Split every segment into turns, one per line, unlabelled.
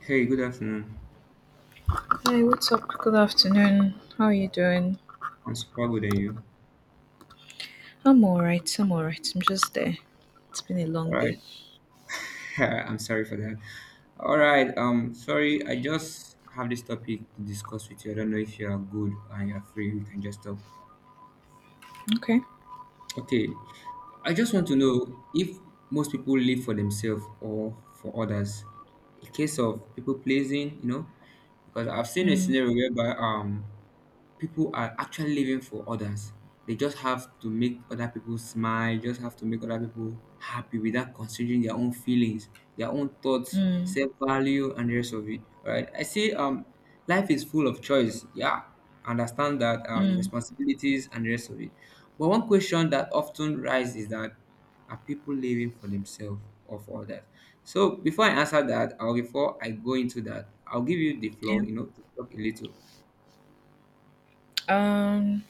Hey, good afternoon.
Hi, what's up? Good afternoon. How are you doing?
I'm super good. And you?
I'm alright. I'm alright. I'm just there. It's been a
All
long day.
right. I'm sorry for that. All right. Sorry. I just have this topic to discuss with you. I don't know if you are good and you are free. We can just talk.
Okay.
Okay. I just want to know if most people live for themselves or for others. A case of people pleasing, because I've seen a
Mm,
scenario whereby people are actually living for others. They just have to make other people smile, just have to make other people happy without considering their own feelings, their own thoughts,
mm,
self value, and the rest of it. All right. I say, life is full of choice. Yeah, understand that
mm.
responsibilities and the rest of it. But one question that often rises is that, are people living for themselves or for others? So before I answer that, or before I go into that, I'll give you the
Yeah.
floor, to talk a little.
Um.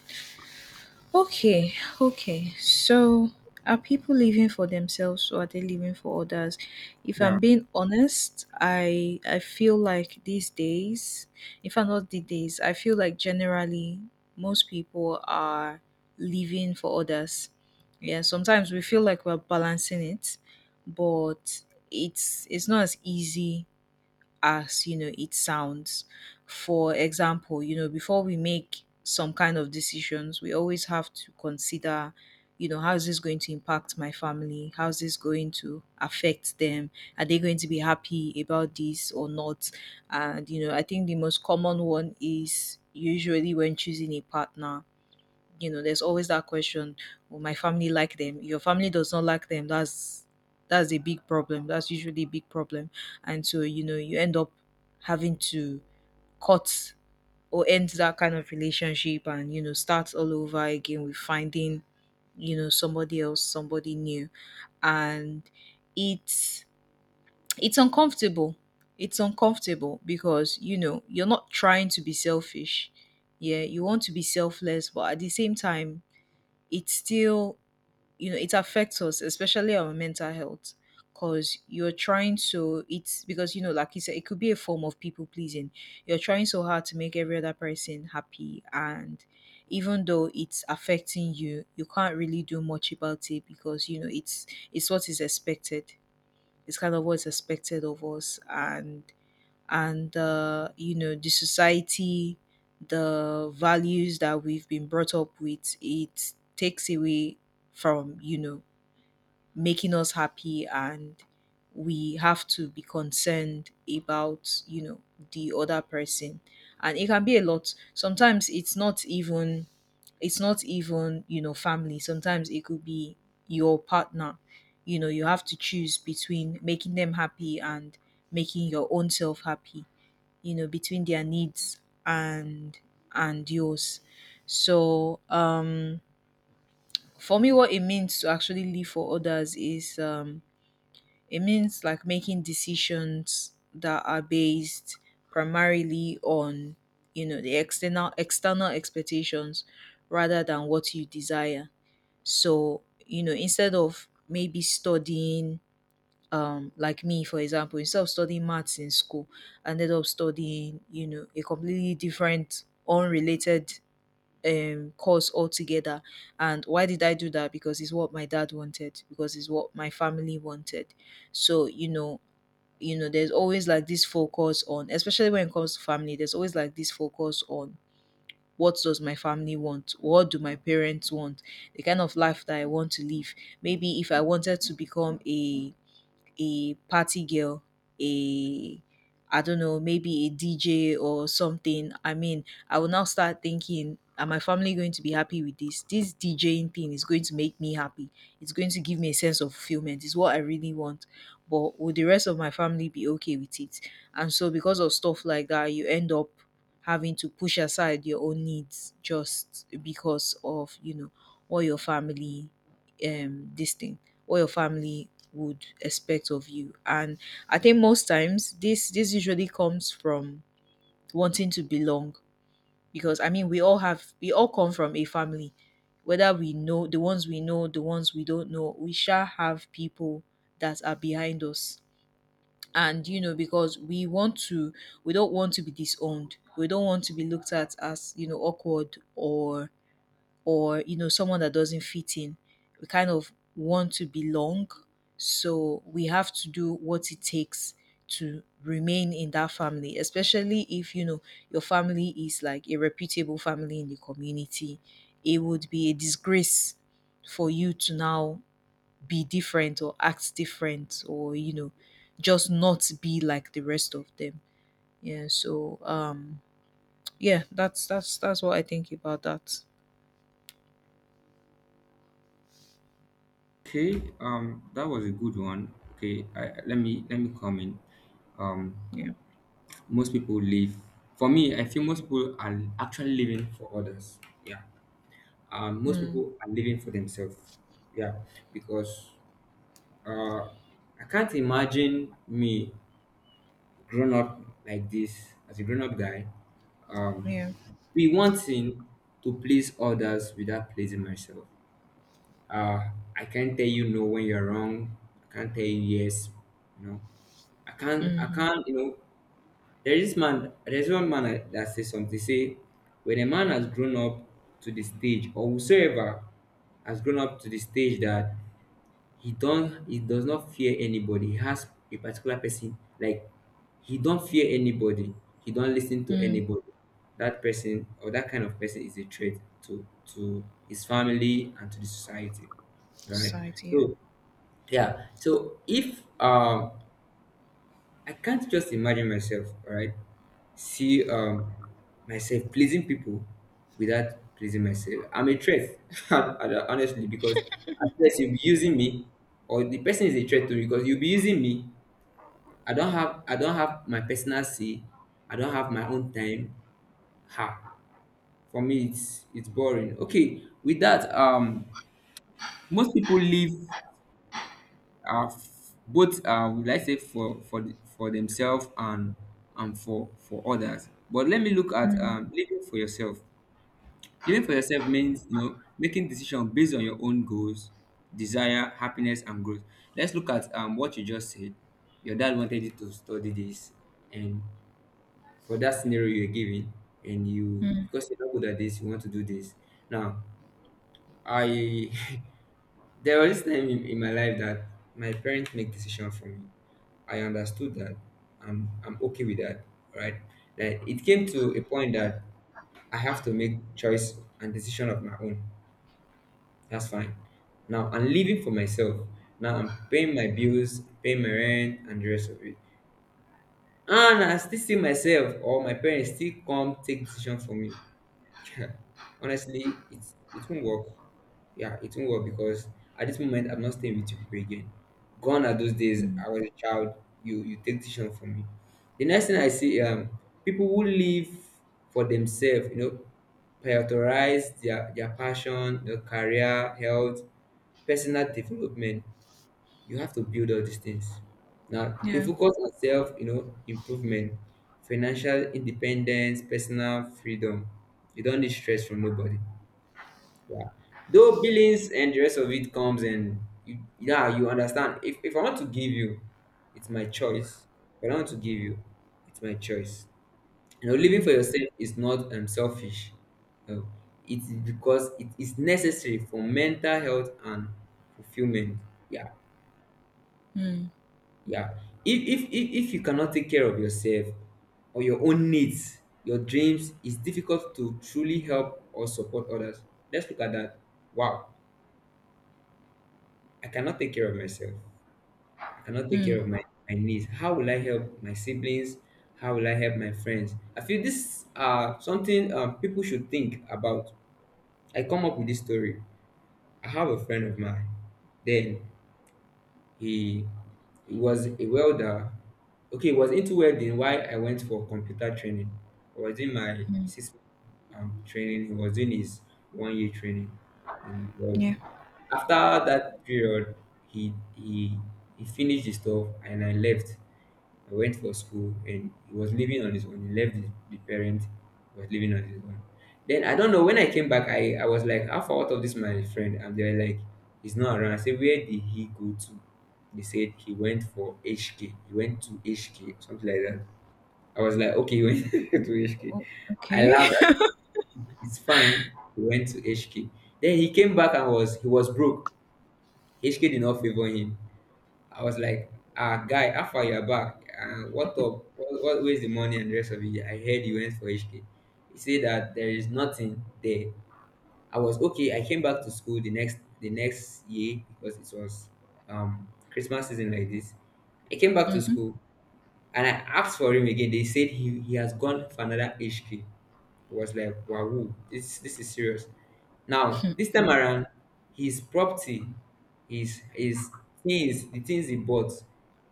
Okay, okay. So, are people living for themselves or are they living for others? If
Yeah.
I'm being honest, I feel like these days, if I'm not the days, I feel like generally most people are living for others. Yeah, sometimes we feel like we're balancing it, but it's not as easy as, you know, it sounds. For example, you know, before we make some kind of decisions we always have to consider, you know, how is this going to impact my family, how is this going to affect them, are they going to be happy about this or not? And, you know, I think the most common one is usually when choosing a partner. You know, there's always that question, will my family like them? Your family does not like them. That's a big problem, that's usually a big problem. And so, you know, you end up having to cut or end that kind of relationship, and, you know, start all over again with finding, you know, somebody else, somebody new. And it's it's uncomfortable, it's uncomfortable, because, you know, you're not trying to be selfish. Yeah, you want to be selfless, but at the same time it still, you know, it affects us, especially our mental health, because you're trying so it's because, you know, like you said, it could be a form of people pleasing. You're trying so hard to make every other person happy, and even though it's affecting you, you can't really do much about it because, you know, it's what is expected. It's kind of what's expected of us, and and you know, the society, the values that we've been brought up with, it takes away from, you know, making us happy, and we have to be concerned about, you know, the other person. And it can be a lot. Sometimes it's not even, it's not even, you know, family. Sometimes it could be your partner. You know, you have to choose between making them happy and making your own self happy, you know, between their needs and and yours. So for me, what it means to actually live for others is, it means like making decisions that are based primarily on, you know, the external external expectations rather than what you desire. So, you know, instead of maybe studying, like me for example, instead of studying maths in school, I ended up studying, you know, a completely different unrelated course altogether. And why did I do that? Because it's what my dad wanted, because it's what my family wanted. So, you know, there's always like this focus on, especially when it comes to family, there's always like this focus on what does my family want, what do my parents want, the kind of life that I want to live. Maybe if I wanted to become a party girl, a, I don't know, maybe a DJ or something. I mean, I will now start thinking, am my family going to be happy with this? This DJing thing is going to make me happy. It's going to give me a sense of fulfillment. It's what I really want. But will the rest of my family be okay with it? And so, because of stuff like that, you end up having to push aside your own needs just because of, you know, all your family, um, this thing, all your family would expect of you. And I think most times this usually comes from wanting to belong, because I mean, we all have, we all come from a family. Whether we know the ones we know, the ones we don't know, we shall have people that are behind us. And, you know, because we want to, we don't want to be disowned. We don't want to be looked at as, you know, awkward or, you know, someone that doesn't fit in. We kind of want to belong, so we have to do what it takes to remain in that family, especially if, you know, your family is like a reputable family in the community. It would be a disgrace for you to now be different or act different or, you know, just not be like the rest of them. Yeah, so yeah, that's what I think about that.
Okay, that was a good one. Okay, let me comment. Um,
Yeah.
most people live. For me, I feel most people are actually living for others. Yeah. Most
Mm,
people are living for themselves. Yeah, because uh, I can't imagine me grown up like this as a grown up guy. Um,
yeah.
be wanting to please others without pleasing myself. Uh, I can't tell you no when you're wrong. I can't tell you yes. You know, I can't. I
Mhm.
can't. There is man. There's one man that says something. Say, when a man has grown up to the stage, or whosoever has grown up to the stage that he don't. He does not fear anybody. He has a particular person like, he don't fear anybody, he don't listen to
Mm.
anybody. That person or that kind of person is a threat to his family and to the society. All right.
Society, yeah.
So, yeah, so if I can't just imagine myself, all right? See, myself pleasing people without pleasing myself. I'm a threat, honestly, because at first you'll be using me, or the person is a threat to me because you'll be using me. I don't have my personal say. I don't have my own time. Ha, for me it's boring. Okay, with that, most people live f- both would I say, for themselves and for others. But let me look at,
Mm.
living for yourself. Living for yourself means making decisions based on your own goals, desire, happiness, and growth. Let's look at, what you just said. Your dad wanted you to study this, and for that scenario you're given, and you,
Mm.
because you're not good at this, you want to do this. Now, I, there was this time in my life that my parents make decision for me. I understood that. I'm okay with that, right? That it came to a point that I have to make choice and decision of my own. That's fine. Now I'm living for myself. Now I'm paying my bills, paying my rent, and the rest of it. And I still see myself or my parents still come take decision for me. Honestly, it won't work. Yeah, it won't work because at this moment I'm not staying with you people again. Gone are those days.
Mm.
I was a child. You take decision from me. The next thing I see, people who live for themselves, prioritize their passion, their career, health, personal development. You have to build all these things. Now, they
Yeah.
focus on self, improvement, financial independence, personal freedom. You don't need stress from nobody. Yeah. Though billings and the rest of it comes and you, yeah, you understand. If I want to give you, it's my choice. If I don't want to give you, it's my choice. Living for
Mm.
yourself is not selfish. No. It's because it is necessary for mental health and fulfillment. Yeah.
Mm.
Yeah. If you cannot take care of yourself or your own needs, your dreams, it's difficult to truly help or support others. Let's look at that. Wow, I cannot take care of myself. I cannot take care
Mm.
of my needs. How will I help my siblings? How will I help my friends? I feel this something, people should think about. I come up with this story. I have a friend of mine. Then He, he was a welder. Okay, he was into welding why I went for computer training. I was in my
Mm.
six, training. He was in his 1 year training in welding.
Yeah.
After that period, he he he finished his stuff and I left. I went for school and he was living on his own. He left the parent, was living on his own. Then I don't know, when I came back, I was like, how far out of this my friend? And they were like, he's not around. I said, where did he go to? They said he went for HK. He went to HK or something like that. I was like, okay, he went to HK.
O
I
okay.
laughed. I said, it's fine. He went to HK. Then he came back and was broke. HK did not favor him. I was like, ah, guy, how far you're back? What up? What, where's the money and the rest of it? I heard you went for HK. He said that there is nothing there. I was okay. I came back to school the next year because it was Christmas season like this. I came back to
Mhm.
school and I asked for him again. They said he has gone for another HK. I was like, wow, this is serious. Now,
Mm.
this time around, his property, his things, the things he bought,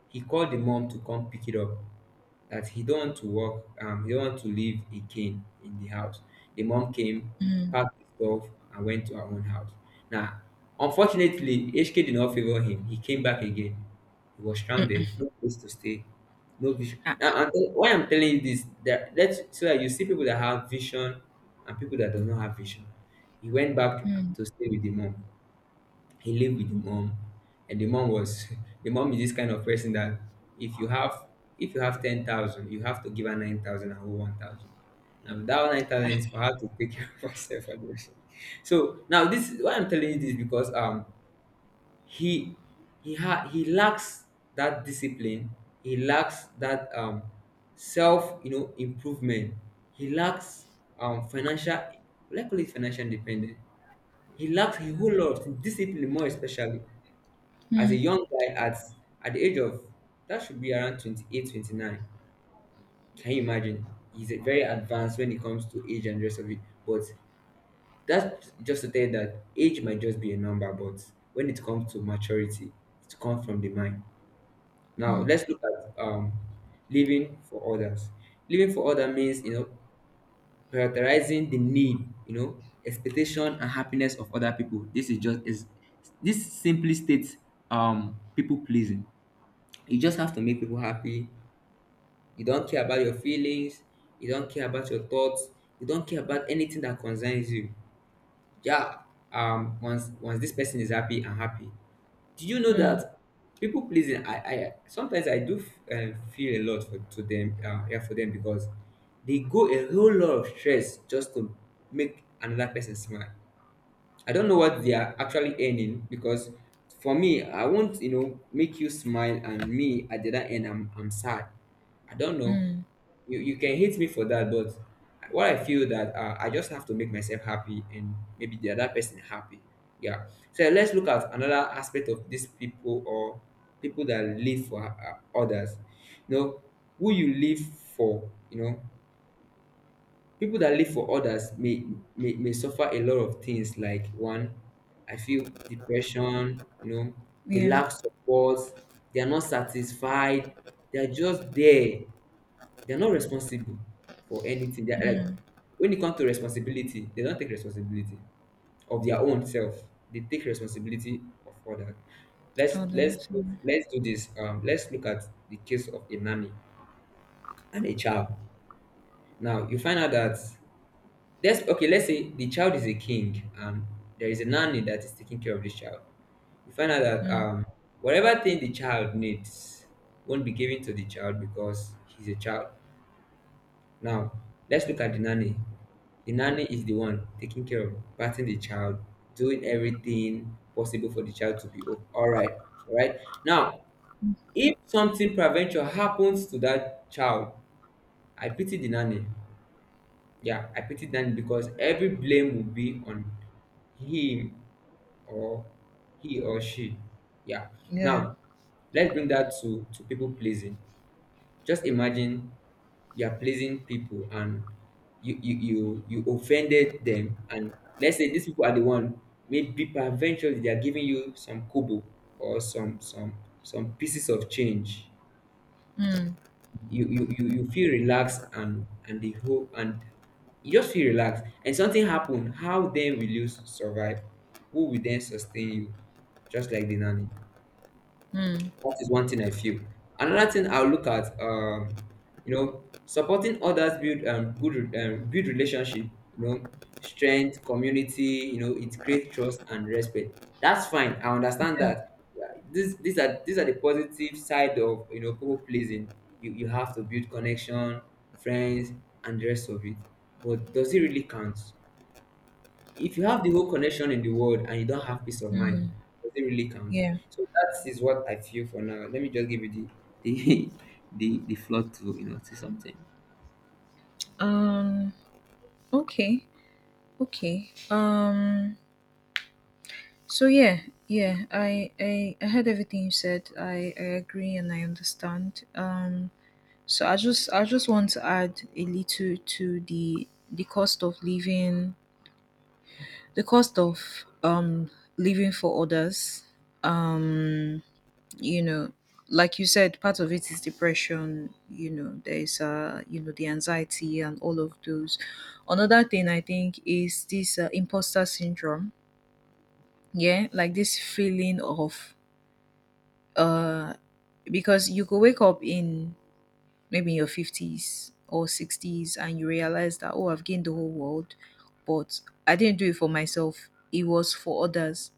he called the mom to come pick it up, that he don't want to work, he don't want to live again in the house. The mom came,
Mm.
packed his stuff, and went to her own house. Now, unfortunately, HK did not favor him. He came back again. He was
Mm-mm.
stranded, no place to stay, no vision. Now,
Ah.
why I'm telling you this, that let's so that you see people that have vision and people that does not have vision. He went back
Mm.
to stay with the mom, he lived with the mom, and the mom was. The mom is this kind of person that if you have if you have 10,000, you have to give her 9,000 and hold 1,000. Now, that 9,000 is for her to take care of herself and everything. So now, this is why I'm telling you this, because he he lacks that discipline. He lacks that, self, improvement. He lacks, financial, let's call it financial independence. He lacks a whole lot of discipline, more especially as a
Mm.
young guy at the age of, that should be around 28, 29. Can you imagine? He's a very advanced when it comes to age and rest of it. But that's just to tell you that age might just be a number, but when it comes to maturity, it comes from the mind. Now
Mm.
let's look at, living for others. Living for others means, prioritizing the need, expectation and happiness of other people. This is just is this simply states people pleasing. You just have to make people happy. You don't care about your feelings. You don't care about your thoughts. You don't care about anything that concerns you. Yeah. Once this person is happy, I'm happy. Do you know
Mm.
that people pleasing? I sometimes I do, feel a lot for to them. Yeah, for them, because they go a whole lot of stress just to make another person smile. I don't know what they are actually earning, because for me, I won't make you smile and me at the other end, I'm sad. I don't know.
Mm.
You can hate me for that, but what I feel that, I just have to make myself happy and maybe the other person happy. Yeah. So let's look at another aspect of these people or people that live for, others. You know, who you live for, people that live for others may, may suffer a lot of things like one, I feel depression, they
Yeah.
lack support, they are not satisfied, they are just there. They are not responsible for anything. They are like,
Mm.
when it comes to responsibility, they don't take responsibility of their own self. They take responsibility of others. Let's
Oh,
let's
that's mm.
let's do this. Let's look at the case of a nanny and a child. Now you find out that let's say the child is a king and there is a nanny that is taking care of this child. You find out that
Mm.
whatever thing the child needs won't be given to the child because he's a child. Now let's look at the nanny. The nanny is the one taking care of patting the child, doing everything possible for the child to be all right. All right. Now, if something prevention happens to that child, I pity the nanny. Yeah, I pity Dan because every blame will be on him or he or she. Yeah.
Yeah.
Now, let's bring that to people pleasing. Just imagine you are pleasing people and you offended them and let's say these people are the one maybe eventually they are giving you some kobo or some some pieces of change
Mm.
you feel relaxed and the whole and you just feel relaxed and something happen. How then will you survive? Who will then sustain you, just like the nanny?
Mm.
That is one thing I feel. Another thing I'll look at, you know, supporting others build good build relationship. You know, strength, community. You know, it creates trust and respect. That's fine. I understand
Yeah.
that. Yeah, This, these are the positive side of you know people pleasing. You have to build connection, friends, and the rest of it. But does it really count? If you have the whole connection in the world and you don't have peace of mind,
Mm.
does it really count?
Yeah.
So that is what I feel for now. Let me just give you the the floor to you know to something.
Um, okay. Okay. So yeah, yeah, I heard everything you said. I agree and I understand. So I just want to add a little to the cost of living, the cost of living for others. Um, you know, like you said, part of it is depression. You know, there is you know, the anxiety and all of those. Another thing I think is this imposter syndrome. Yeah, like this feeling of uh because you could wake up in maybe in your fifties or sixties and you realize that, oh, I've gained the whole world, but I didn't do it for myself. It was for others.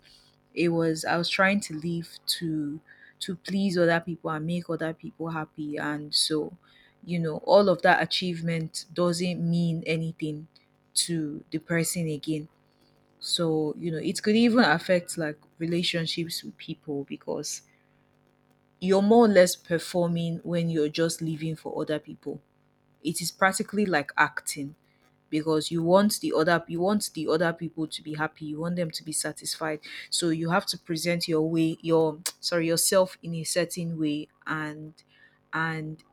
It was, I was trying to live to, to please other people and make other people happy. And so, you know, all of that achievement doesn't mean anything to the person again. So, you know, it could even affect like relationships with people because you're more or less performing when you're just living for other people. It is practically like acting, because you want the other, you want the other people to be happy, you want them to be satisfied. So you have to present your way your sorry, yourself in a certain way, and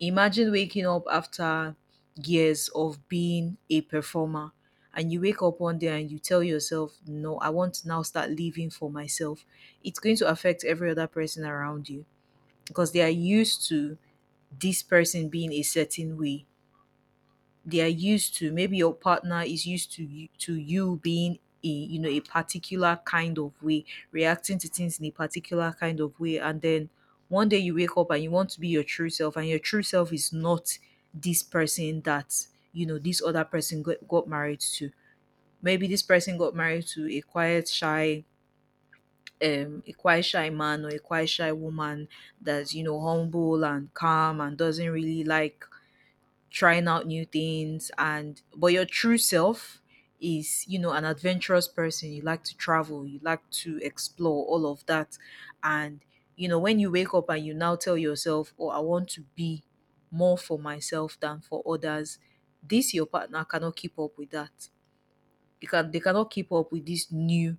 imagine waking up after years of being a performer and you wake up one day and you tell yourself, no, I want to now start living for myself. It's going to affect every other person around you because they are used to this person being a certain way. They are used to, maybe your partner is used to you being a, you know, a particular kind of way, reacting to things in a particular kind of way, and then one day you wake up and you want to be your true self, and your true self is not this person that, you know, this other person got married to. Maybe this person got married to a quiet shy man or a quiet shy woman, that's, you know, humble and calm and doesn't really like trying out new things. And but your true self is, you know, an adventurous person, you like to travel, you like to explore all of that. And, you know, when you wake up and you now tell yourself, oh, I want to be more for myself than for others, this your partner cannot keep up with that. You can, they cannot keep up with this new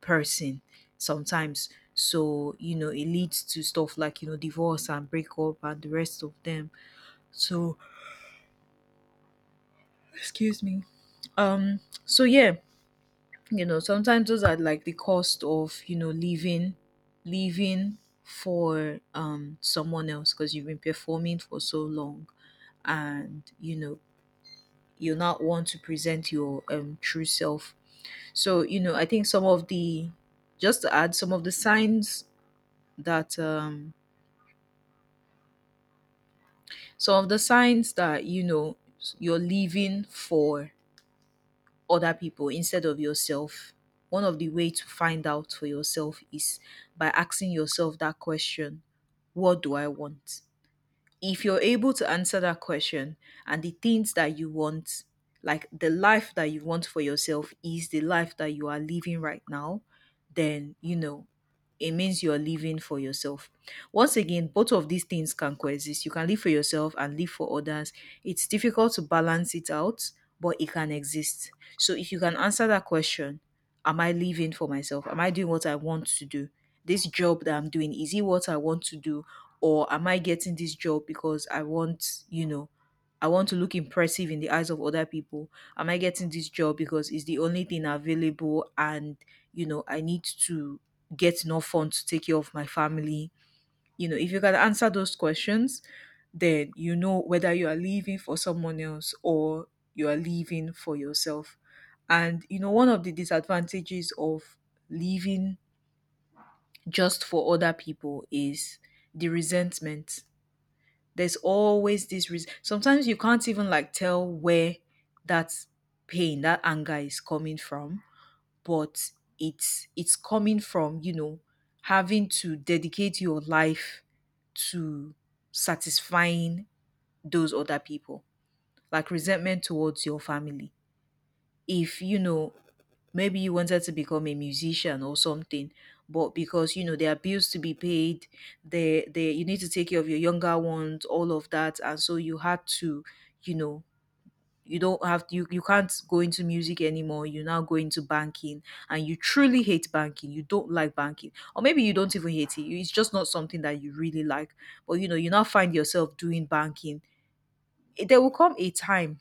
person sometimes. So, you know, it leads to stuff like, you know, divorce and breakup and the rest of them. So excuse me. um so yeah, you know, sometimes those are like the cost of, you know, living, living for someone else, because you've been performing for so long, and, you know, you not want to present your true self. So, you know, I think some of the, just to add, some of the signs that some of the signs that, you know, you're living for other people instead of yourself. One of the way to find out for yourself is by asking yourself that question, what do I want? If you're able to answer that question, and the things that you want, like the life that you want for yourself is the life that you are living right now, then you know it means you're living for yourself. Once again, both of these things can coexist. You can live for yourself and live for others. It's difficult to balance it out, but it can exist. So if you can answer that question, am I living for myself? Am I doing what I want to do? This job that I'm doing, is it what I want to do? Or am I getting this job because I want, you know, I want to look impressive in the eyes of other people? Am I getting this job because it's the only thing available and, you know, I need to get enough funds to take care of my family? You know, if you can answer those questions, then you know whether you are living for someone else or you are living for yourself. And, one of the disadvantages of living just for other people is the resentment. There's always this reason. Sometimes you can't even like tell where that pain, that anger is coming from, but it's coming from, having to dedicate your life to satisfying those other people. Like resentment towards your family. If maybe you wanted to become a musician or something, but because there are bills to be paid, there you need to take care of your younger ones, all of that, and so you had to, you know you don't have, you can't go into music anymore. You now go into banking, and you truly hate banking. You don't like banking, or maybe you don't even hate it, it's just not something that you really like. But you now find yourself doing banking. there will come a time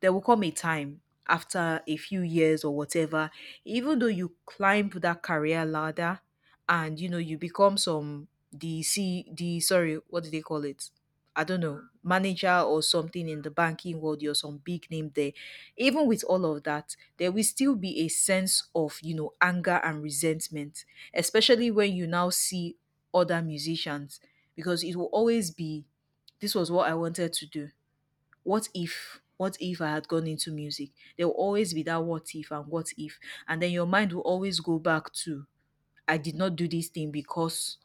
there will come a time after a few years or whatever. Even though you climb that career ladder, and you become some the C the sorry, what do they call it? I don't know, manager or something in the banking world. You're some big name there. Even with all of that, there will still be a sense of, anger and resentment, especially when you now see other musicians, because it will always be this was what I wanted to do. What if I had gone into music? There will always be that what if and what if. And then your mind will always go back to I did not do this thing because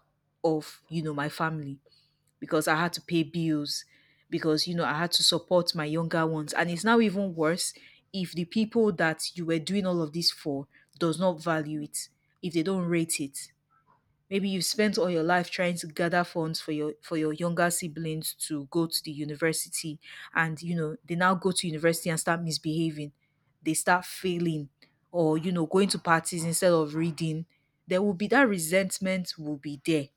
of, my family, because I had to pay bills, because I had to support my younger ones. And it's now even worse if the people that you were doing all of this for does not value it, if they don't rate it. Maybe you've spent all your life trying to gather funds for your younger siblings to go to the university, and they now go to university and start misbehaving. They start failing, or going to parties instead of reading. There will be that resentment will be there.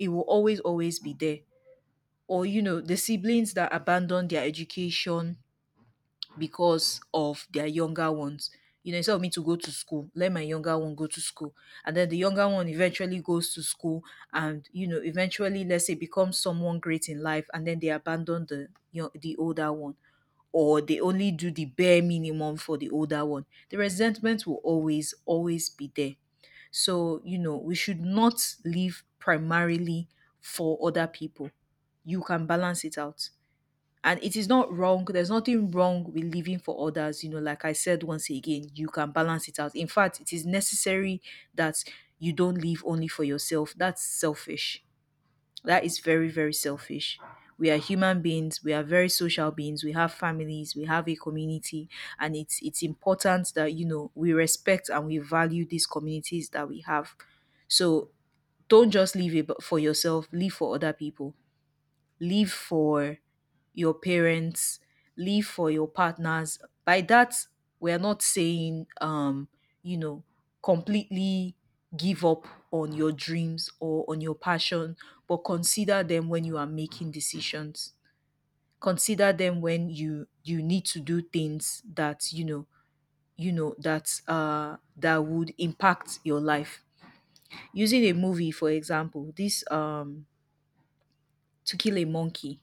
It will always, always be there. Or the siblings that abandon their education because of their younger ones. Instead of me to go to school, let my younger one go to school. And then the younger one eventually goes to school and, eventually, let's say, becomes someone great in life. And then they abandon the, the older one, or they only do the bare minimum for the older one. The resentment will always, always be there. So, we should not live primarily for other people. You can balance it out, and it is not wrong. There's nothing wrong with living for others. Like I said, once again, you can balance it out. In fact, it is necessary that you don't live only for yourself. That's selfish. That is very, very selfish. We are human beings. We are very social beings. We have families, we have a community, and it's important that we respect and we value these communities that we have. So don't just live for yourself. Live for other people. Leave for your parents, leave for your partners. By that, we're not saying, you know, completely give up on your dreams or on your passion, but consider them when you are making decisions. Consider them when you need to do things that you know that that would impact your life. Using a movie, for example, this To Kill a Monkey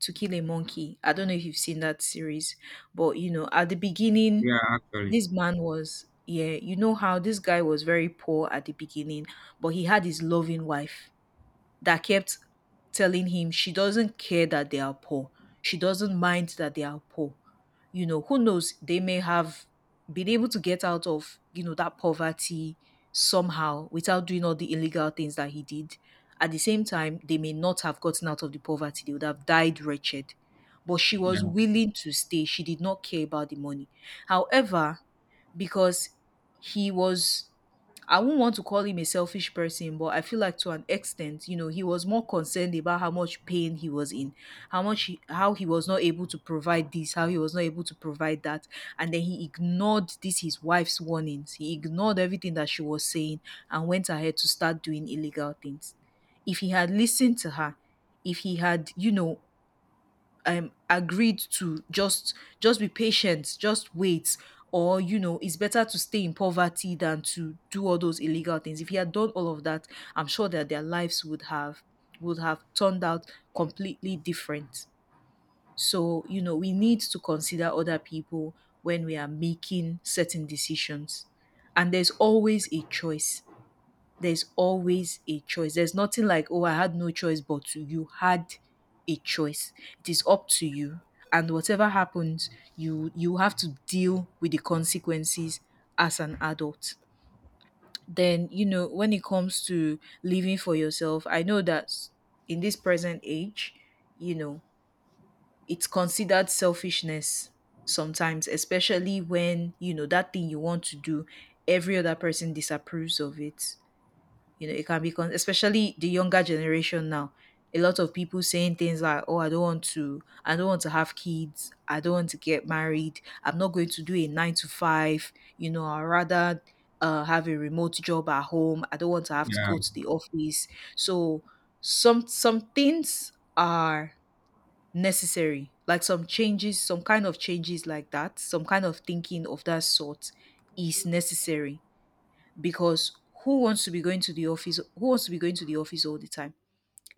To Kill a Monkey. I don't know if you've seen that series, but you know, at the beginning,
Yeah, actually.
this man was, yeah, how this guy was very poor at the beginning, but he had his loving wife that kept telling him she doesn't care that they are poor. She doesn't mind that they are poor. You know, who knows? They may have been able to get out of, that poverty somehow without doing all the illegal things that he did. At the same time, they may not have gotten out of the poverty. They would have died wretched. But she was
Yeah,
willing to stay. She did not care about the money. However, because he was, I won't want to call him a selfish person, but I feel like to an extent, he was more concerned about how much pain he was in, how much he, how he was not able to provide this, how he was not able to provide that, and then he ignored this his wife's warnings. He ignored everything that she was saying and went ahead to start doing illegal things. If he had listened to her, if he had, agreed to just be patient, just wait, or it's better to stay in poverty than to do all those illegal things. If he had done all of that, I'm sure that their lives would have, would have turned out completely different. So we need to consider other people when we are making certain decisions. And there's always a choice. There's nothing like, oh, I had no choice but to. You had a choice. It is up to you. And whatever happens, you have to deal with the consequences as an adult. Then, when it comes to living for yourself, I know that in this present age, you know, it's considered selfishness sometimes, especially when, that thing you want to do, every other person disapproves of it. It can be, especially the younger generation now. A lot of people saying things like, "Oh, I don't want to have kids. I don't want to get married. I'm not going to do a nine to five. You know, I'd rather have a remote job at home. I don't want to have to
yeah.
go to the office." So some things are necessary, like some changes, some kind of changes like that, some kind of thinking of that sort is necessary, because who wants to be going to the office all the time?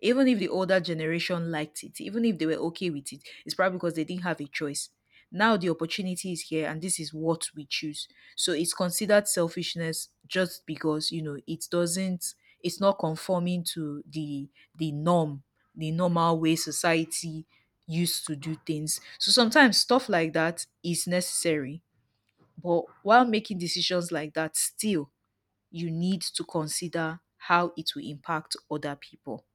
Even if the older generation liked it, even if they were okay with it, it's probably because they didn't have a choice. Now the opportunity is here and this is what we choose. So it's considered selfishness just because it doesn't, it's not conforming to the norm, the normal way society used to do things. So sometimes stuff like that is necessary. But while making decisions like that, still you need to consider how it will impact other people.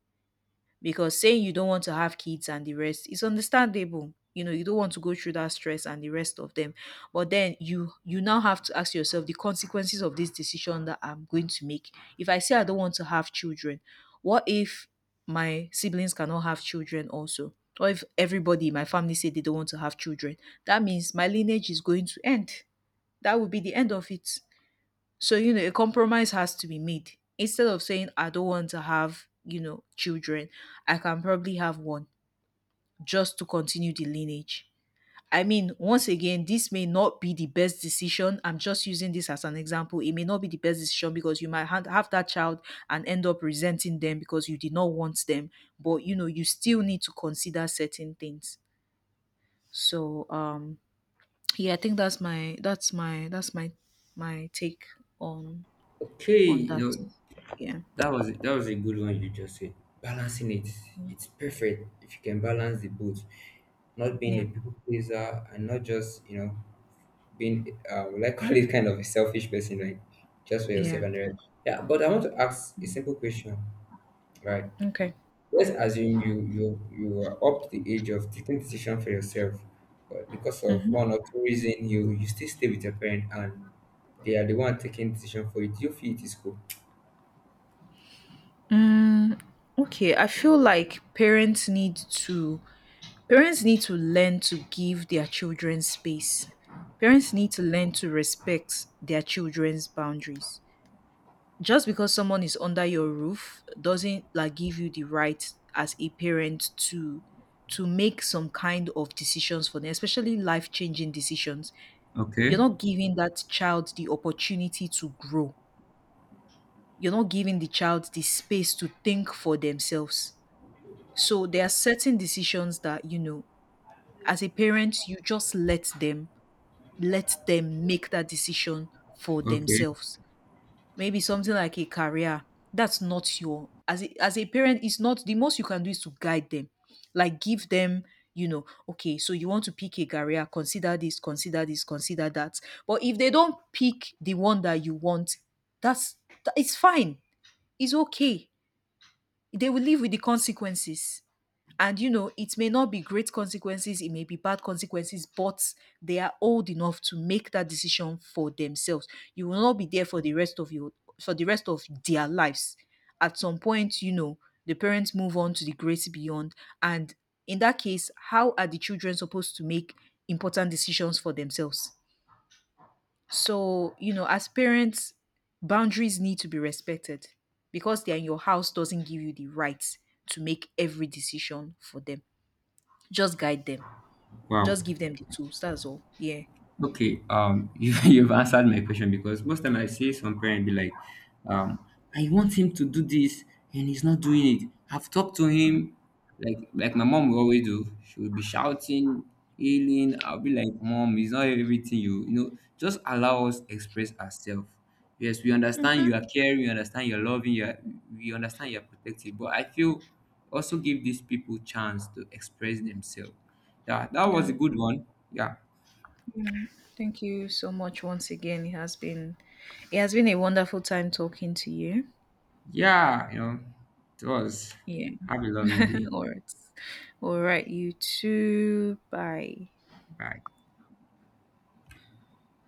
Because saying you don't want to have kids and the rest is understandable. You know, you don't want to go through that stress and the rest of them. But then you now have to ask yourself the consequences of this decision that I'm going to make. If I say I don't want to have children, what if my siblings cannot have children also? Or if everybody in my family say they don't want to have children, that means my lineage is going to end. That would be the end of it. So, a compromise has to be made. Instead of saying, I don't want to have, children, I can probably have one just to continue the lineage. I mean, once again, this may not be the best decision. I'm just using this as an example. It may not be the best decision because you might have that child and end up resenting them because you did not want them. But, you still need to consider certain things. So, yeah, I think that's my my take on
Okay, you
that.
know
Yeah.
that was a good one you just said. Balancing it, it's perfect if you can balance the both. Not being
Yeah.
a people pleaser and not just you know being will I call it kind of a selfish person, like just for
Yeah.
yourself and the rest. Yeah, but I want to ask a simple question, right?
Okay.
Let's assume you were up to the age of taking decision for yourself, but because of one or two reason, you still stay with your parent and they are the one taking decision for you. Do you feel it is cool?
Mm, okay. I feel like parents need to learn to give their children space. Parents need to learn to respect their children's boundaries. Just because someone is under your roof doesn't like give you the right as a parent to make some kind of decisions for them, especially life-changing decisions. You're
Okay,
not giving that child the opportunity to grow. You're not giving the child the space to think for themselves. So there are certain decisions that, as a parent, you just let them make that decision for
okay,
themselves. Maybe something like a career. That's not your as a parent, it's not, the most you can do is to guide them. Like give them, okay, so you want to pick a career, consider this, consider this, consider that. But if they don't pick the one that you want, that's it's fine. It's okay, they will live with the consequences. And you know, it may not be great consequences, it may be bad consequences, but they are old enough to make that decision for themselves. You will not be there for the rest of your, for the rest of their lives. At some point, the parents move on to the great beyond. And in that case, how are the children supposed to make important decisions for themselves? So, as parents, boundaries need to be respected. Because they're in your house doesn't give you the right to make every decision for them. Just guide them.
wow.
Just give them the tools. That's all. Yeah.
Okay, you've answered my question because most time I see some parent be like, um, I want him to do this and he's not doing it. I've talked to him, like my mom will always do. She will be shouting, yelling. I'll be like, Mom, it's not everything you you know. Just allow us express ourselves. Yes, we understand you are caring, we understand you're loving, you are, we understand you're protective. But I feel also give these people chance to express themselves. Yeah, that was a
Yeah.
good one. Yeah.
Yeah. Thank you so much once again. It has been a wonderful time talking to you.
Yeah, you know, it was.
Yeah.
Have a lovely day.
All right. All right, you too. Bye.
Bye.